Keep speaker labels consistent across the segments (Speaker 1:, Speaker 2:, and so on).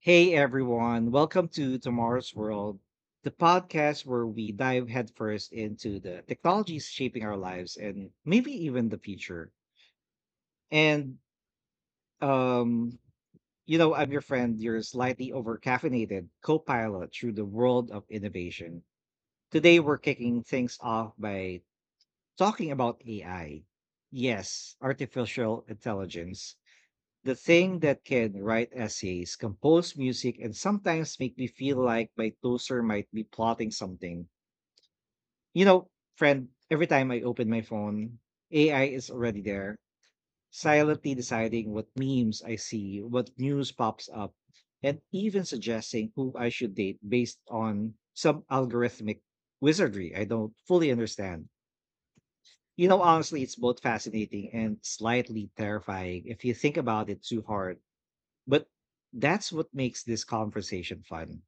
Speaker 1: Hey everyone, welcome to Tomorrow's World, the podcast where we dive headfirst into the technologies shaping our lives and maybe even the future. And um, I'm your friend, your slightly over-caffeinated co-pilot through the world of innovation. Today we're kicking things off by talking about AI. Yes, artificial intelligence. The thing that can write essays, compose music, and sometimes make me feel like my toaster might be plotting something. You know, friend, every time I open my phone, AI is already there, silently deciding what memes I see, what news pops up, and even suggesting who I should date based on some algorithmic wizardry I don't fully understand. You know, honestly, it's both fascinating and slightly terrifying if you think about it too hard. But that's what makes this conversation fun.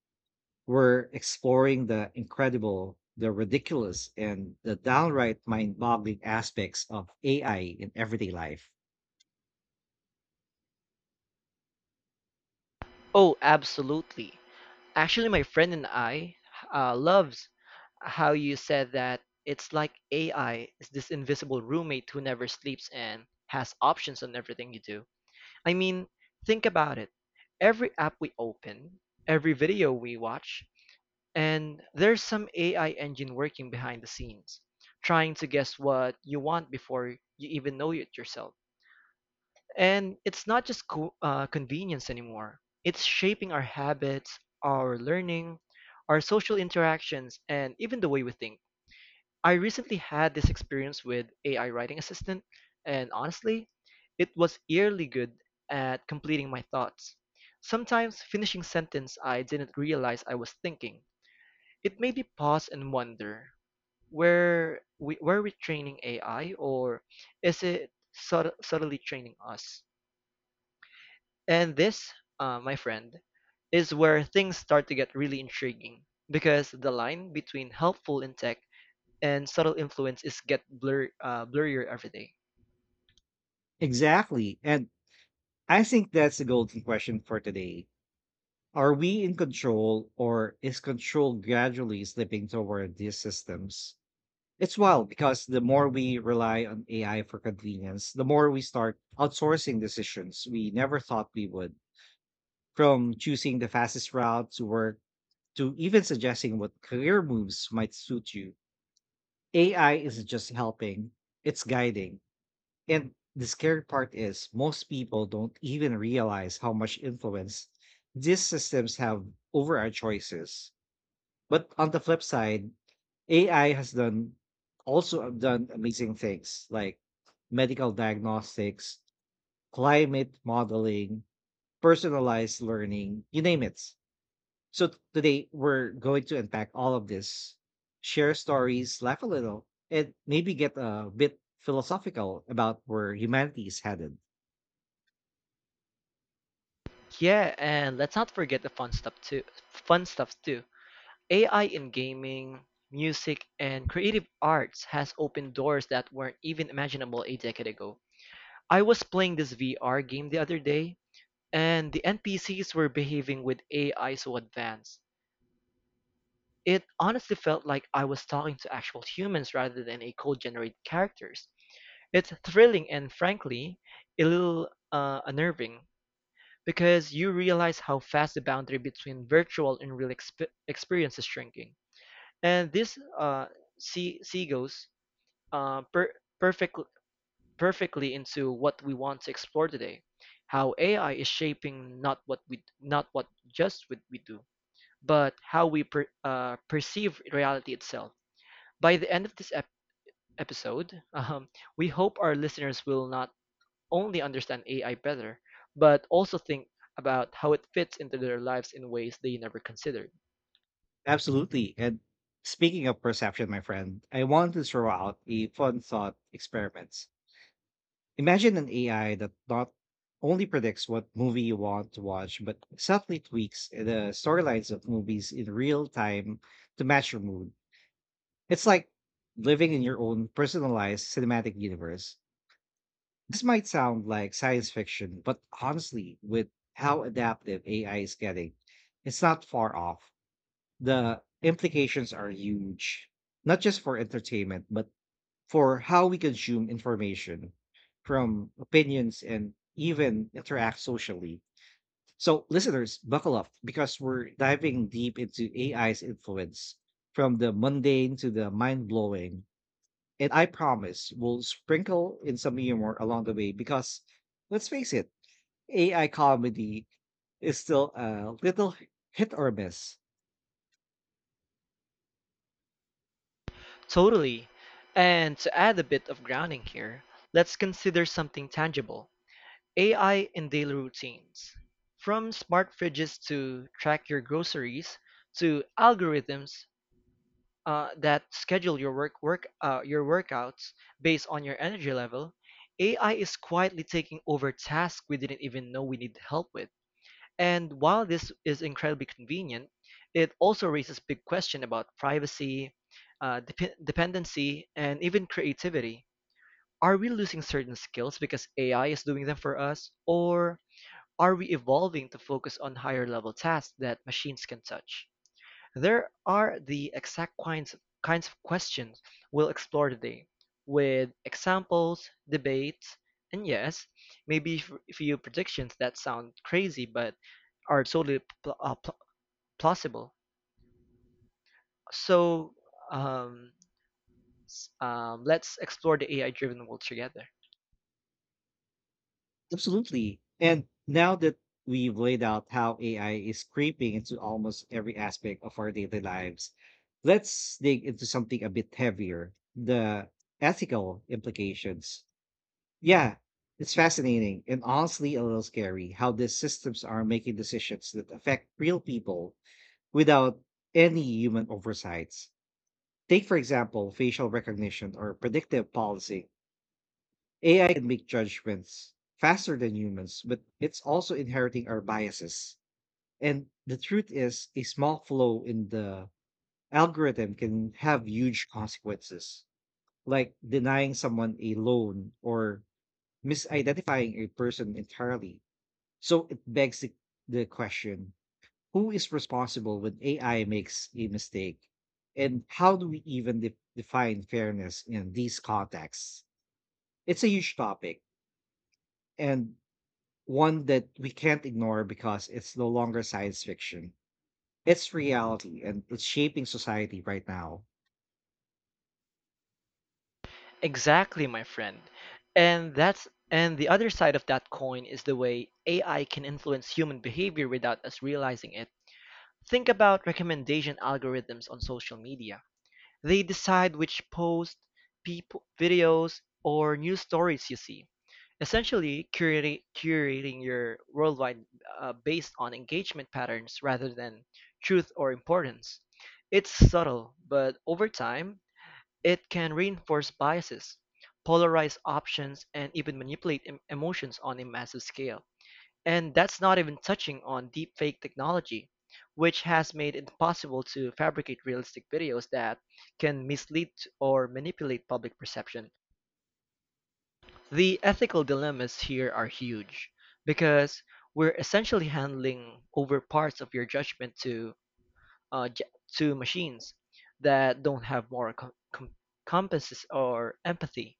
Speaker 1: We're exploring the incredible, the ridiculous, and the downright mind boggling aspects of AI in everyday life.
Speaker 2: Oh, absolutely. Actually, my friend and I loves how you said that it's like AI is this invisible roommate who never sleeps and has options on everything you do. I mean, think about it. Every app we open, every video we watch, and there's some AI engine working behind the scenes, trying to guess what you want before you even know it yourself. And it's not just convenience anymore. It's shaping our habits, our learning, our social interactions, and even the way we think. I recently had this experience with AI writing assistant, and honestly, it was eerily good at completing my thoughts. Sometimes finishing sentence I didn't realize I was thinking. It made me pause and wonder, where we were we training AI or is it subtly training us? And this, my friend, is where things start to get really intriguing because the line between helpful in tech and subtle influence is get blur blurrier every day.
Speaker 1: Exactly. And I think that's the golden question for today. Are we in control, or is control gradually slipping toward these systems? It's wild because the more we rely on AI for convenience, the more we start outsourcing decisions we never thought we would. From choosing the fastest route to work to even suggesting what career moves might suit you, AI isn't just helping, it's guiding. And the scary part is, most people don't even realize how much influence these systems have over our choices. But on the flip side, AI has done also done amazing things like medical diagnostics, climate modeling, personalized learning, you name it. So today we're going to unpack all of this, share stories, laugh a little, and maybe get a bit philosophical about where humanity is headed.
Speaker 2: Yeah, and let's not forget the fun stuff too. Fun stuff too. AI in gaming, music, and creative arts has opened doors that weren't even imaginable a decade ago. I was playing this VR game the other day, and the NPCs were behaving with AI so advanced. It honestly felt like I was talking to actual humans rather than a code generated characters. It's thrilling and frankly a little unnerving because you realize how fast the boundary between virtual and real experience is shrinking. And this seagulls uh, per- perfect- perfectly into what we want to explore today, how AI is shaping not what just what we do, but how we perceive reality itself. By the end of this episode, we hope our listeners will not only understand AI better, but also think about how it fits into their lives in ways they never considered.
Speaker 1: Absolutely. And speaking of perception, my friend, I want to throw out a fun thought experiment. Imagine an AI that not only predicts what movie you want to watch, but subtly tweaks the storylines of movies in real time to match your mood. It's like living in your own personalized cinematic universe. This might sound like science fiction, but honestly, with how adaptive AI is getting, it's not far off. The implications are huge, not just for entertainment, but for how we consume information from opinions and even interact socially. So, listeners, buckle up because we're diving deep into AI's influence from the mundane to the mind blowing, and I promise we'll sprinkle in some humor along the way because, let's face it, AI comedy is still a little hit or miss.
Speaker 2: Totally. And to add a bit of grounding here, let's consider something tangible AI in daily routines. From smart fridges to track your groceries, to algorithms that schedule your workouts based on your energy level, AI is quietly taking over tasks we didn't even know we need help with. And while this is incredibly convenient, it also raises big questions about privacy, dependency, and even creativity. Are we losing certain skills because AI is doing them for us, or are we evolving to focus on higher level tasks that machines can touch? There are the exact kinds of questions we'll explore today, with examples, debates, and yes, maybe a few predictions that sound crazy but are totally plausible. So um, let's explore the AI-driven world together.
Speaker 1: Absolutely. And now that we've laid out how AI is creeping into almost every aspect of our daily lives, let's dig into something a bit heavier: the ethical implications. Yeah, it's fascinating and honestly a little scary how these systems are making decisions that affect real people without any human oversights. Take, for example, facial recognition or predictive policy. AI can make judgments faster than humans, but it's also inheriting our biases. And the truth is, a small flaw in the algorithm can have huge consequences, like denying someone a loan or misidentifying a person entirely. So it begs the question: who is responsible when AI makes a mistake? And how do we even define fairness in these contexts? It's a huge topic, and one that we can't ignore because it's no longer science fiction. It's reality, and it's shaping society right now.
Speaker 2: Exactly, my friend. And the other side of that coin is the way AI can influence human behavior without us realizing it. Think about recommendation algorithms on social media. They decide which posts, people, videos, or news stories you see. Essentially, curating your worldwide based on engagement patterns rather than truth or importance. It's subtle, but over time, it can reinforce biases, polarize options, and even manipulate emotions on a massive scale. And that's not even touching on deepfake technology, which has made it possible to fabricate realistic videos that can mislead or manipulate public perception. The ethical dilemmas here are huge because we're essentially handling over parts of your judgment uh, j- to machines that don't have moral compasses or empathy.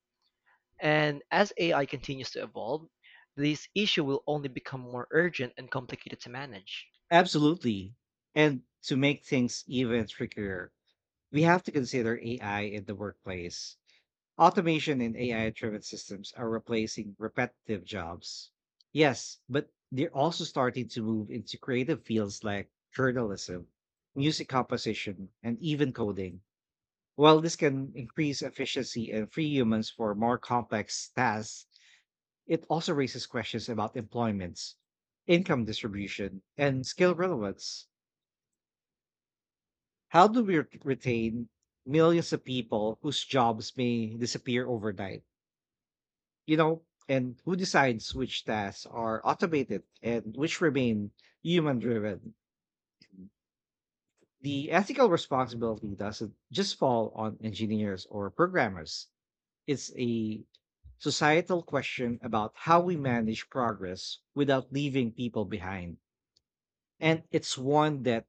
Speaker 2: And as AI continues to evolve, this issue will only become more urgent and complicated to manage.
Speaker 1: Absolutely. And to make things even trickier, we have to consider AI in the workplace. Automation and AI driven systems are replacing repetitive jobs. Yes, but they're also starting to move into creative fields like journalism, music composition, and even coding. While this can increase efficiency and free humans for more complex tasks, it also raises questions about employments, income distribution, and skill relevance. How do we retain millions of people whose jobs may disappear overnight? You know, and who decides which tasks are automated and which remain human driven? The ethical responsibility doesn't just fall on engineers or programmers. It's a societal question about how we manage progress without leaving people behind. And it's one that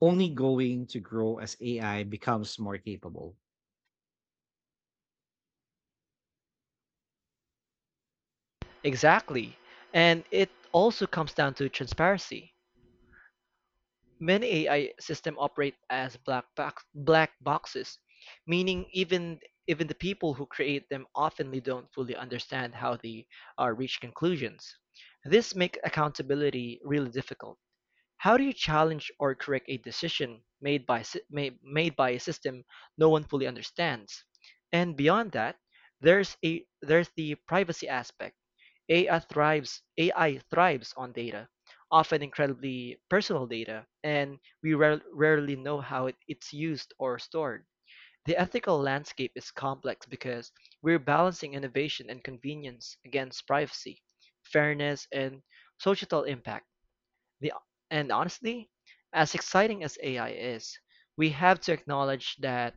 Speaker 1: only going to grow as AI becomes more capable.
Speaker 2: Exactly. And it also comes down to transparency. Many AI systems operate as black boxes, meaning even the people who create them oftenly don't fully understand how they reach conclusions. This makes accountability really difficult. How do you challenge or correct a decision made by a system no one fully understands? And beyond that, there's the privacy aspect. AI thrives on data, often incredibly personal data, and we rarely know how it's used or stored. The ethical landscape is complex because we're balancing innovation and convenience against privacy, fairness, and societal impact. The, and honestly, as exciting as AI is, we have to acknowledge that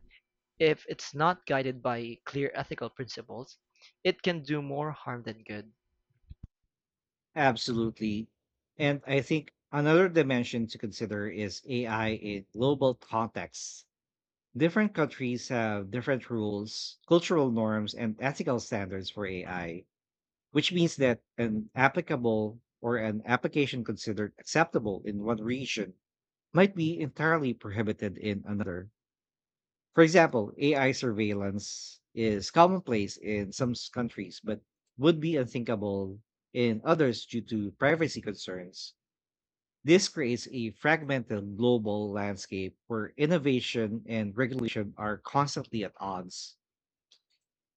Speaker 2: if it's not guided by clear ethical principles, it can do more harm than good.
Speaker 1: Absolutely. And I think another dimension to consider is AI in global contexts. Different countries have different rules, cultural norms, and ethical standards for AI, which means that an applicable or an application considered acceptable in one region might be entirely prohibited in another. For example, AI surveillance is commonplace in some countries, but would be unthinkable in others due to privacy concerns. This creates a fragmented global landscape where innovation and regulation are constantly at odds.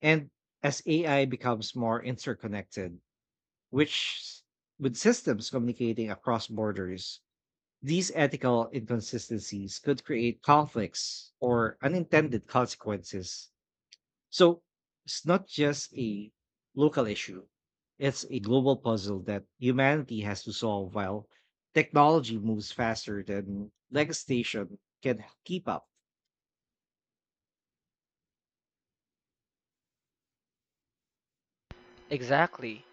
Speaker 1: And as AI becomes more interconnected, which s- with systems communicating across borders, these ethical inconsistencies could create conflicts or unintended consequences, so it's not just a local issue, it's a global puzzle that humanity has to solve while technology moves faster than legislation can keep up.
Speaker 2: Exactly.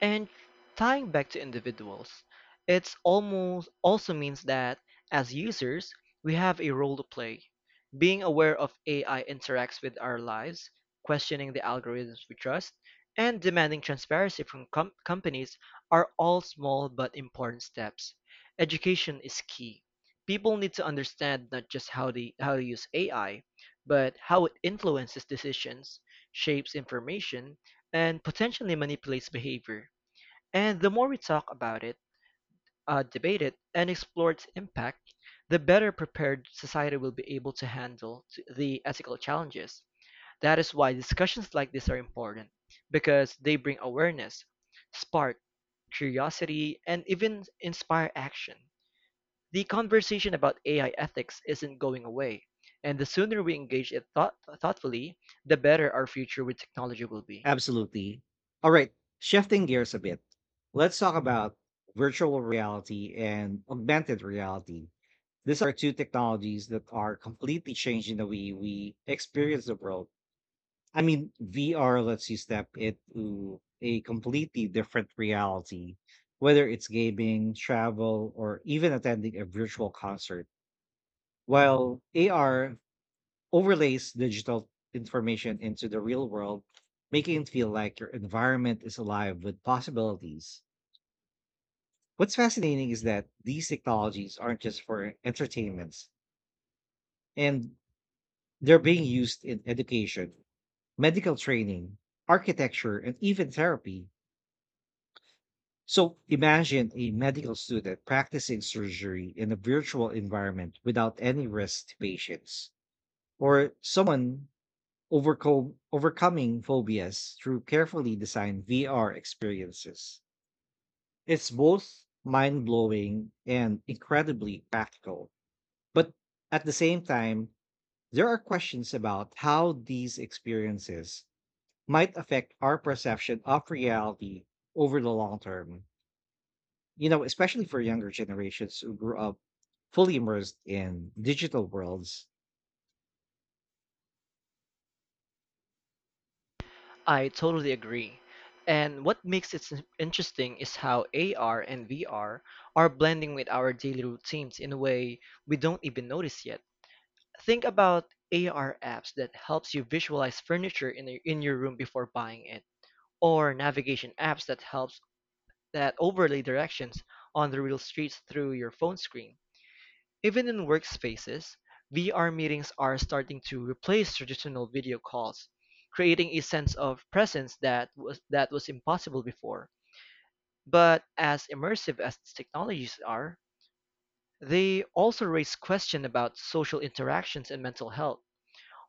Speaker 2: And tying back to individuals, it's almost also means that as users, we have a role to play. Being aware of AI interacts with our lives, questioning the algorithms we trust, and demanding transparency from companies are all small but important steps. Education is key. People need to understand not just how to use AI, but how it influences decisions, shapes information, and potentially manipulates behavior. And the more we talk about it, debate it, and explore its impact, the better prepared society will be able to handle the ethical challenges. That is why discussions like this are important, because they bring awareness, spark curiosity, and even inspire action. The conversation about AI ethics isn't going away, and the sooner we engage it thoughtfully, the better our future with technology will be.
Speaker 1: Absolutely. All right, shifting gears a bit, let's talk about virtual reality and augmented reality. These are two technologies that are completely changing the way we experience the world. I mean, VR lets you step into a completely different reality, whether it's gaming, travel, or even attending a virtual concert. While AR overlays digital information into the real world, making it feel like your environment is alive with possibilities. What's fascinating is that these technologies aren't just for entertainments, and they're being used in education, medical training, architecture, and even therapy. So imagine a medical student practicing surgery in a virtual environment without any risk to patients, or someone overcoming phobias through carefully designed VR experiences. It's both mind blowing and incredibly practical. But at the same time, there are questions about how these experiences might affect our perception of reality over the long term, you know, especially for younger generations who grew up fully immersed in digital worlds.
Speaker 2: I totally agree. And what makes it interesting is how AR and VR are blending with our daily routines in a way we don't even notice yet. Think about AR apps that helps you visualize furniture in your room before buying it, or navigation apps that overlay directions on the real streets through your phone screen. Even in workspaces, VR meetings are starting to replace traditional video calls, creating a sense of presence that was impossible before. But as immersive as these technologies are, they also raise questions about social interactions and mental health.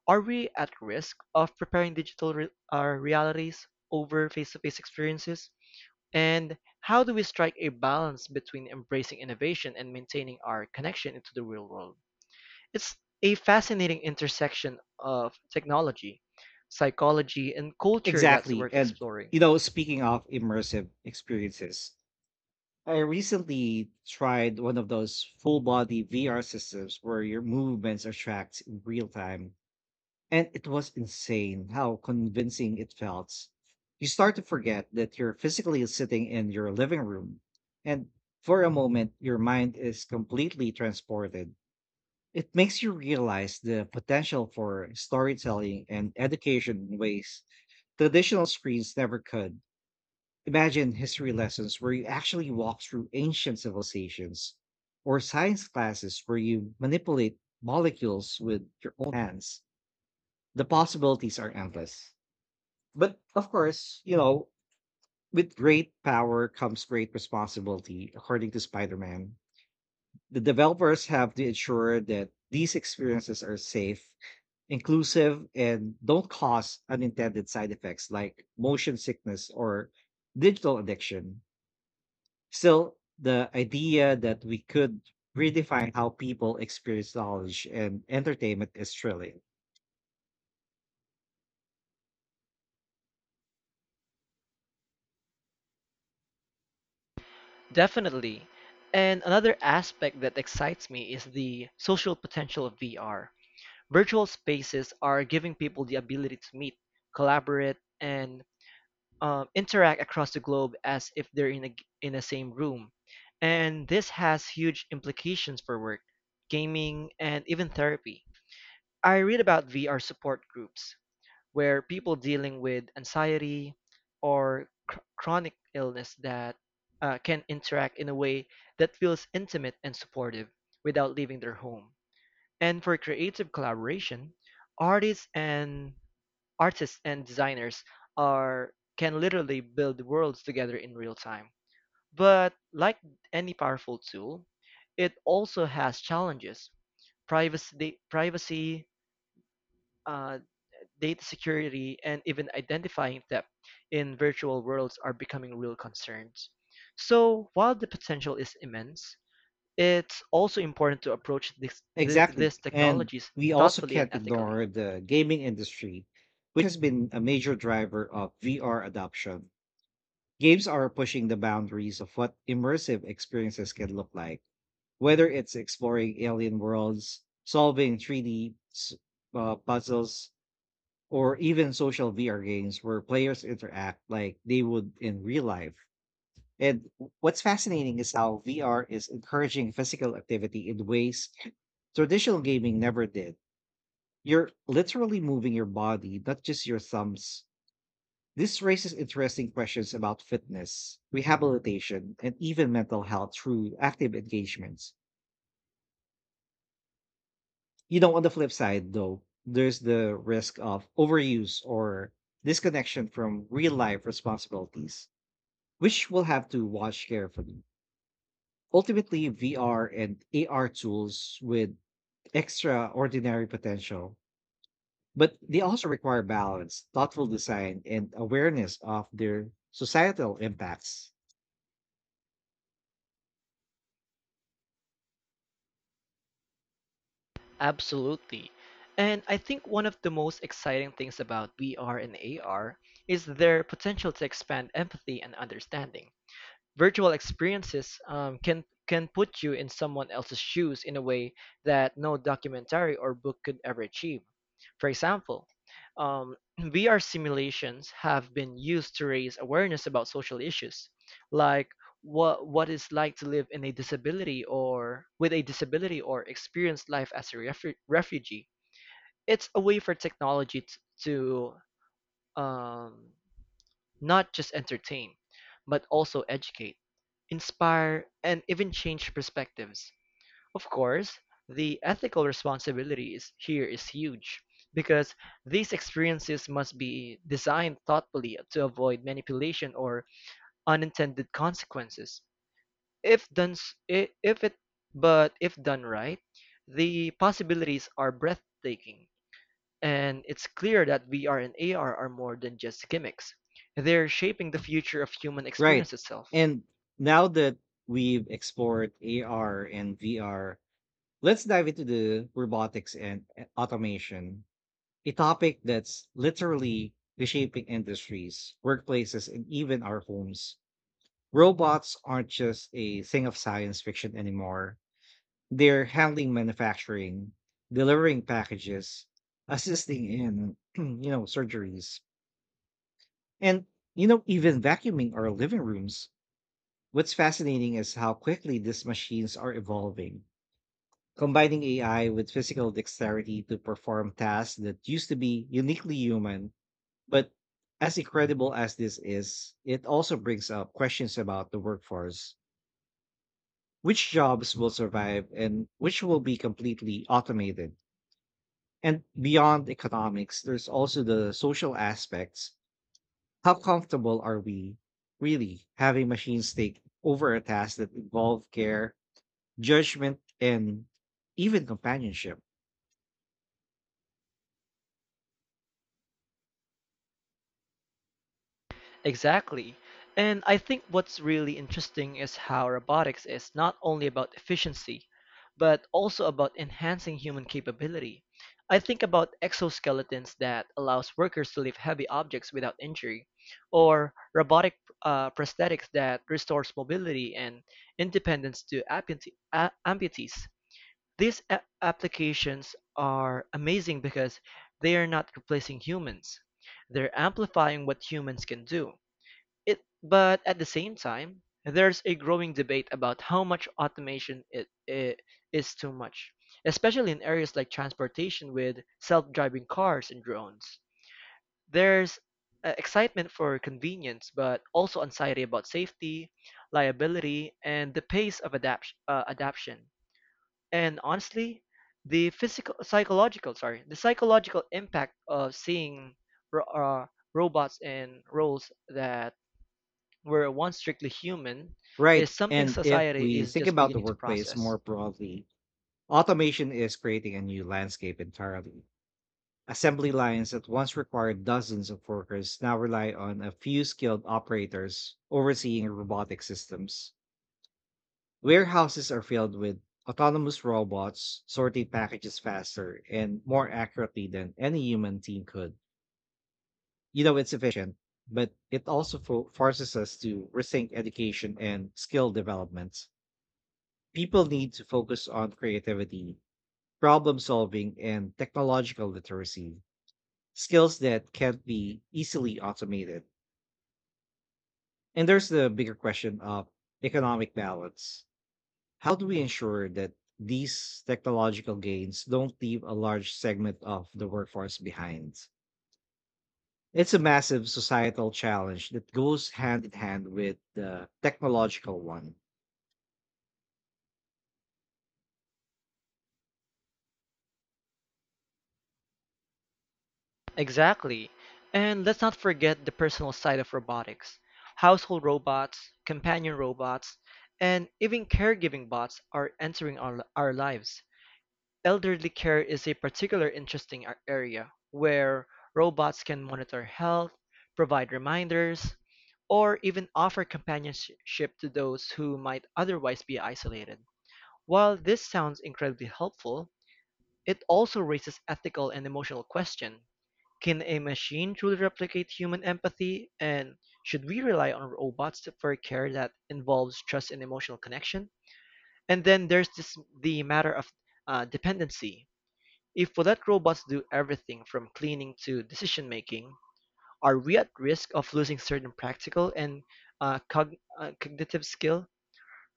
Speaker 2: Are we at risk of preparing digital realities over face-to-face experiences? And how do we strike a balance between embracing innovation and maintaining our connection into the real world? It's a fascinating intersection of technology, psychology, and culture that's
Speaker 1: Exactly.
Speaker 2: worth
Speaker 1: And,
Speaker 2: exploring.
Speaker 1: you know, speaking of immersive experiences, I recently tried one of those full body VR systems where your movements are tracked in real time. And it was insane how convincing it felt. You start to forget that you're physically sitting in your living room. And for a moment, your mind is completely transported. It makes you realize the potential for storytelling and education in ways traditional screens never could. Imagine history lessons where you actually walk through ancient civilizations, or science classes where you manipulate molecules with your own hands. The possibilities are endless. But of course, you know, with great power comes great responsibility, according to Spider Man. The developers have to ensure that these experiences are safe, inclusive, and don't cause unintended side effects like motion sickness or digital addiction. Still, the idea that we could redefine how people experience knowledge and entertainment is thrilling.
Speaker 2: Definitely. And another aspect that excites me is the social potential of VR. Virtual spaces are giving people the ability to meet, collaborate, and interact across the globe as if they're in the same room. And this has huge implications for work, gaming, and even therapy. I read about VR support groups where people dealing with anxiety or chronic illness that can interact in a way that feels intimate and supportive without leaving their home. And for creative collaboration, artists and artists and designers are can literally build worlds together in real time. But like any powerful tool, it also has challenges. Privacy, uh, data security, and even identifying theft in virtual worlds are becoming real concerns. So, while the potential is immense, it's also important to approach
Speaker 1: Exactly.
Speaker 2: these
Speaker 1: And
Speaker 2: technologies
Speaker 1: we also
Speaker 2: thoughtfully and
Speaker 1: can't
Speaker 2: ethically.
Speaker 1: ignore the gaming industry, which has been a major driver of VR adoption. Games are pushing the boundaries of what immersive experiences can look like, whether it's exploring alien worlds, solving 3D puzzles, or even social VR games where players interact like they would in real life. And what's fascinating is how VR is encouraging physical activity in ways traditional gaming never did. You're literally moving your body, not just your thumbs. This raises interesting questions about fitness, rehabilitation, and even mental health through active engagements. You know, on the flip side, though, there's the risk of overuse or disconnection from real life responsibilities, which we'll have to watch carefully. Ultimately, VR and AR tools with extraordinary potential, but they also require balance, thoughtful design, and awareness of their societal impacts.
Speaker 2: Absolutely. And I think one of the most exciting things about VR and AR is their potential to expand empathy and understanding. Virtual experiences can put you in someone else's shoes in a way that no documentary or book could ever achieve. For example, um, VR simulations have been used to raise awareness about social issues, like what it's like to live in a disability or with a disability or experience life as a refugee. It's a way for technology to um, not just entertain, but also educate, inspire, and even change perspectives. Of course, the ethical responsibility here is huge because these experiences must be designed thoughtfully to avoid manipulation or unintended consequences. If done, s- I- if it, but if done right, the possibilities are breathtaking. And it's clear that VR and AR are more than just gimmicks. They're shaping the future of human experience
Speaker 1: Right.
Speaker 2: itself.
Speaker 1: And now that we've explored AR and VR, let's dive into the robotics and automation, a topic that's literally reshaping industries, workplaces, and even our homes. Robots aren't just a thing of science fiction anymore. They're handling manufacturing, delivering packages, assisting in, surgeries, and even vacuuming our living rooms. What's fascinating is how quickly these machines are evolving, combining AI with physical dexterity to perform tasks that used to be uniquely human. But as incredible as this is, it also brings up questions about the workforce. Which jobs will survive and which will be completely automated? And beyond economics, there's also the social aspects. How comfortable are we really having machines take over a task that involve care, judgment, and even companionship?
Speaker 2: Exactly. And I think what's really interesting is how robotics is not only about efficiency, but also about enhancing human capability. I think about exoskeletons that allows workers to lift heavy objects without injury, or robotic prosthetics that restores mobility and independence to amputees. These applications are amazing because they are not replacing humans. They're amplifying what humans can do. It but at the same time, there's a growing debate about how much automation it is too much, especially in areas like transportation with self-driving cars and drones. There's excitement for convenience, but also anxiety about safety, liability, and the pace of adaption. And honestly, the psychological impact of seeing ro- uh, robots in roles that where once strictly human, is
Speaker 1: Right.
Speaker 2: something
Speaker 1: And if
Speaker 2: society
Speaker 1: we
Speaker 2: is
Speaker 1: think
Speaker 2: just
Speaker 1: about the
Speaker 2: beginning to
Speaker 1: workplace
Speaker 2: process.
Speaker 1: more broadly, automation is creating a new landscape entirely. Assembly lines that once required dozens of workers now rely on a few skilled operators overseeing robotic systems. Warehouses are filled with autonomous robots sorting packages faster and more accurately than any human team could. You know, it's efficient, but it also forces us to rethink education and skill development. People need to focus on creativity, problem solving, and technological literacy, skills that can't be easily automated. And there's the bigger question of economic balance. How do we ensure that these technological gains don't leave a large segment of the workforce behind? It's a massive societal challenge that goes hand in hand with the technological one.
Speaker 2: Exactly. And let's not forget the personal side of robotics. Household robots, companion robots, and even caregiving bots are entering our lives. Elderly care is a particular interesting area where robots can monitor health, provide reminders, or even offer companionship to those who might otherwise be isolated. While this sounds incredibly helpful, it also raises ethical and emotional questions. Can a machine truly replicate human empathy, and should we rely on robots for care that involves trust and emotional connection? And then the matter of dependency. If we let robots do everything from cleaning to decision making, are we at risk of losing certain practical and cognitive skill?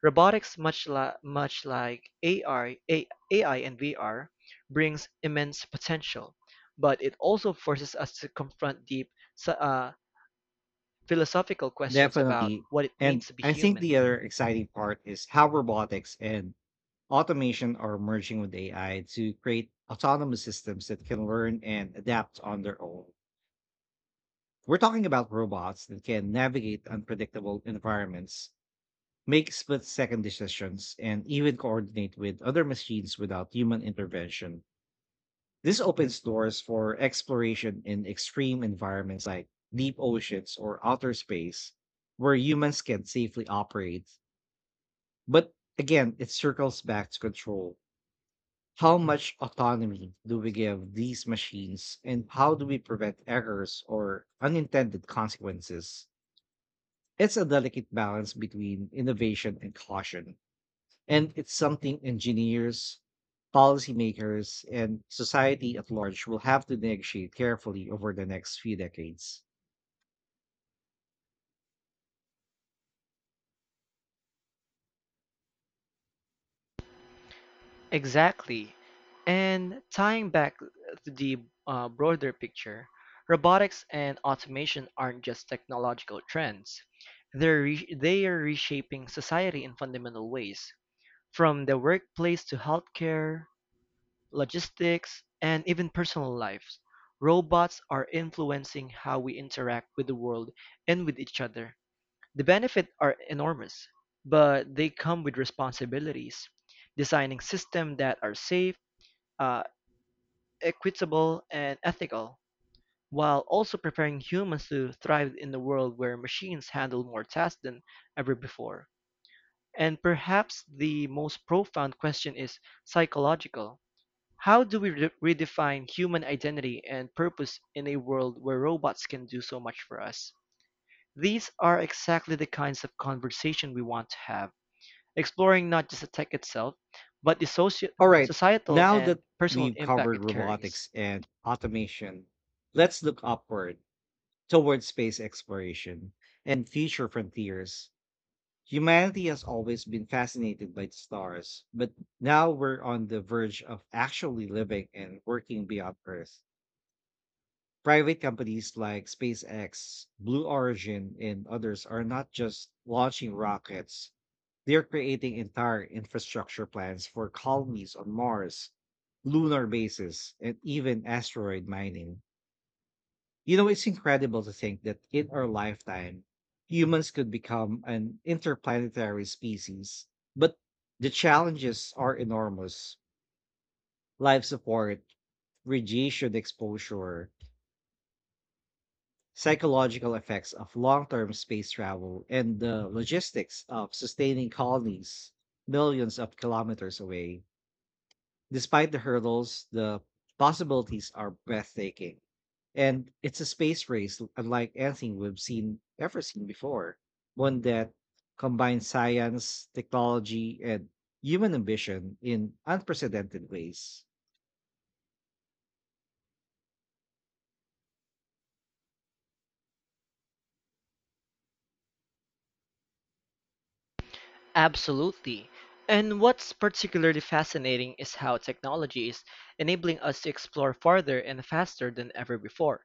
Speaker 2: Robotics, much like AR, AI and VR, brings immense potential, but it also forces us to confront deep so- uh, philosophical questions about
Speaker 1: Definitely.
Speaker 2: what it means
Speaker 1: And
Speaker 2: to be
Speaker 1: I think
Speaker 2: human.
Speaker 1: the other exciting part is how robotics and automation are merging with AI to create autonomous systems that can learn and adapt on their own. We're talking about robots that can navigate unpredictable environments, make split second decisions, and even coordinate with other machines without human intervention. This opens doors for exploration in extreme environments like deep oceans or outer space, where humans can safely operate. But again, it circles back to control. How much autonomy do we give these machines, and how do we prevent errors or unintended consequences? It's a delicate balance between innovation and caution, and it's something engineers, policymakers, and society at large will have to negotiate carefully over the next few decades.
Speaker 2: Exactly. And tying back to the broader picture, robotics and automation aren't just technological trends. They are reshaping society in fundamental ways, from the workplace to healthcare, logistics, and even personal lives. Robots are influencing how we interact with the world and with each other. The benefits are enormous, but they come with responsibilities. Designing systems that are safe, uh, equitable and ethical, while also preparing humans to thrive in a world where machines handle more tasks than ever before. And perhaps the most profound question is psychological. How do we redefine human identity and purpose in a world where robots can do so much for us? These are exactly the kinds of conversation we want to have, exploring not just the tech itself, but the
Speaker 1: All right,
Speaker 2: societal
Speaker 1: now
Speaker 2: and
Speaker 1: that
Speaker 2: personal
Speaker 1: we've
Speaker 2: impact
Speaker 1: covered
Speaker 2: it carries.
Speaker 1: robotics and automation, let's look upward towards space exploration and future frontiers. Humanity has always been fascinated by the stars, but now we're on the verge of actually living and working beyond Earth. Private companies like SpaceX, Blue Origin, and others are not just launching rockets, they're creating entire infrastructure plans for colonies on Mars, lunar bases, and even asteroid mining. You know, it's incredible to think that in our lifetime, humans could become an interplanetary species. But the challenges are enormous: life support, radiation exposure, psychological effects of long term space travel, and the logistics of sustaining colonies millions of kilometers away. Despite the hurdles, the possibilities are breathtaking. And it's a space race unlike anything we've seen ever seen before. One that combines science, technology, and human ambition in unprecedented ways.
Speaker 2: Absolutely. And what's particularly fascinating is how technology is enabling us to explore farther and faster than ever before.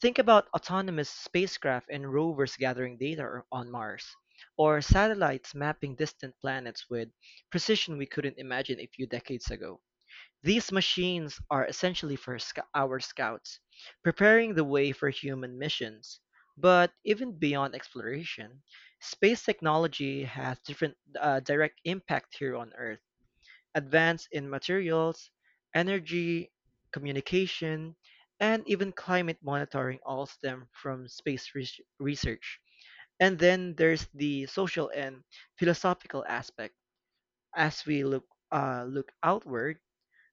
Speaker 2: Think about autonomous spacecraft and rovers gathering data on Mars, or satellites mapping distant planets with precision we couldn't imagine a few decades ago. These machines are essentially our scouts, preparing the way for human missions. But even beyond exploration, space technology has different direct impact here on Earth. Advance in materials, energy, communication, and even climate monitoring all stem from space research. And then there's the social and philosophical aspect. As we look outward,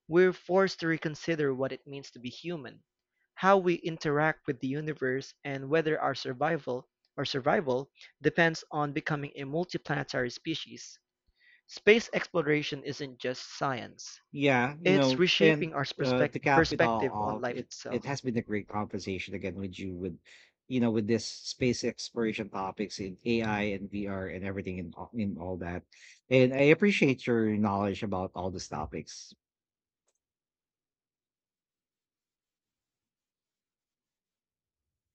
Speaker 2: we're forced to reconsider what it means to be human, how we interact with the universe, and whether our survival or survival depends on becoming a multiplanetary species. Space exploration isn't just science.
Speaker 1: Yeah, you
Speaker 2: It's
Speaker 1: know, and
Speaker 2: reshaping our
Speaker 1: to cap it all
Speaker 2: perspective on
Speaker 1: off,
Speaker 2: life
Speaker 1: it
Speaker 2: itself.
Speaker 1: has been a great conversation again with you, with you know with this space exploration topics in AI and VR and everything in all that. And I appreciate your knowledge about all these topics.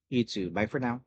Speaker 1: You too. Bye for now.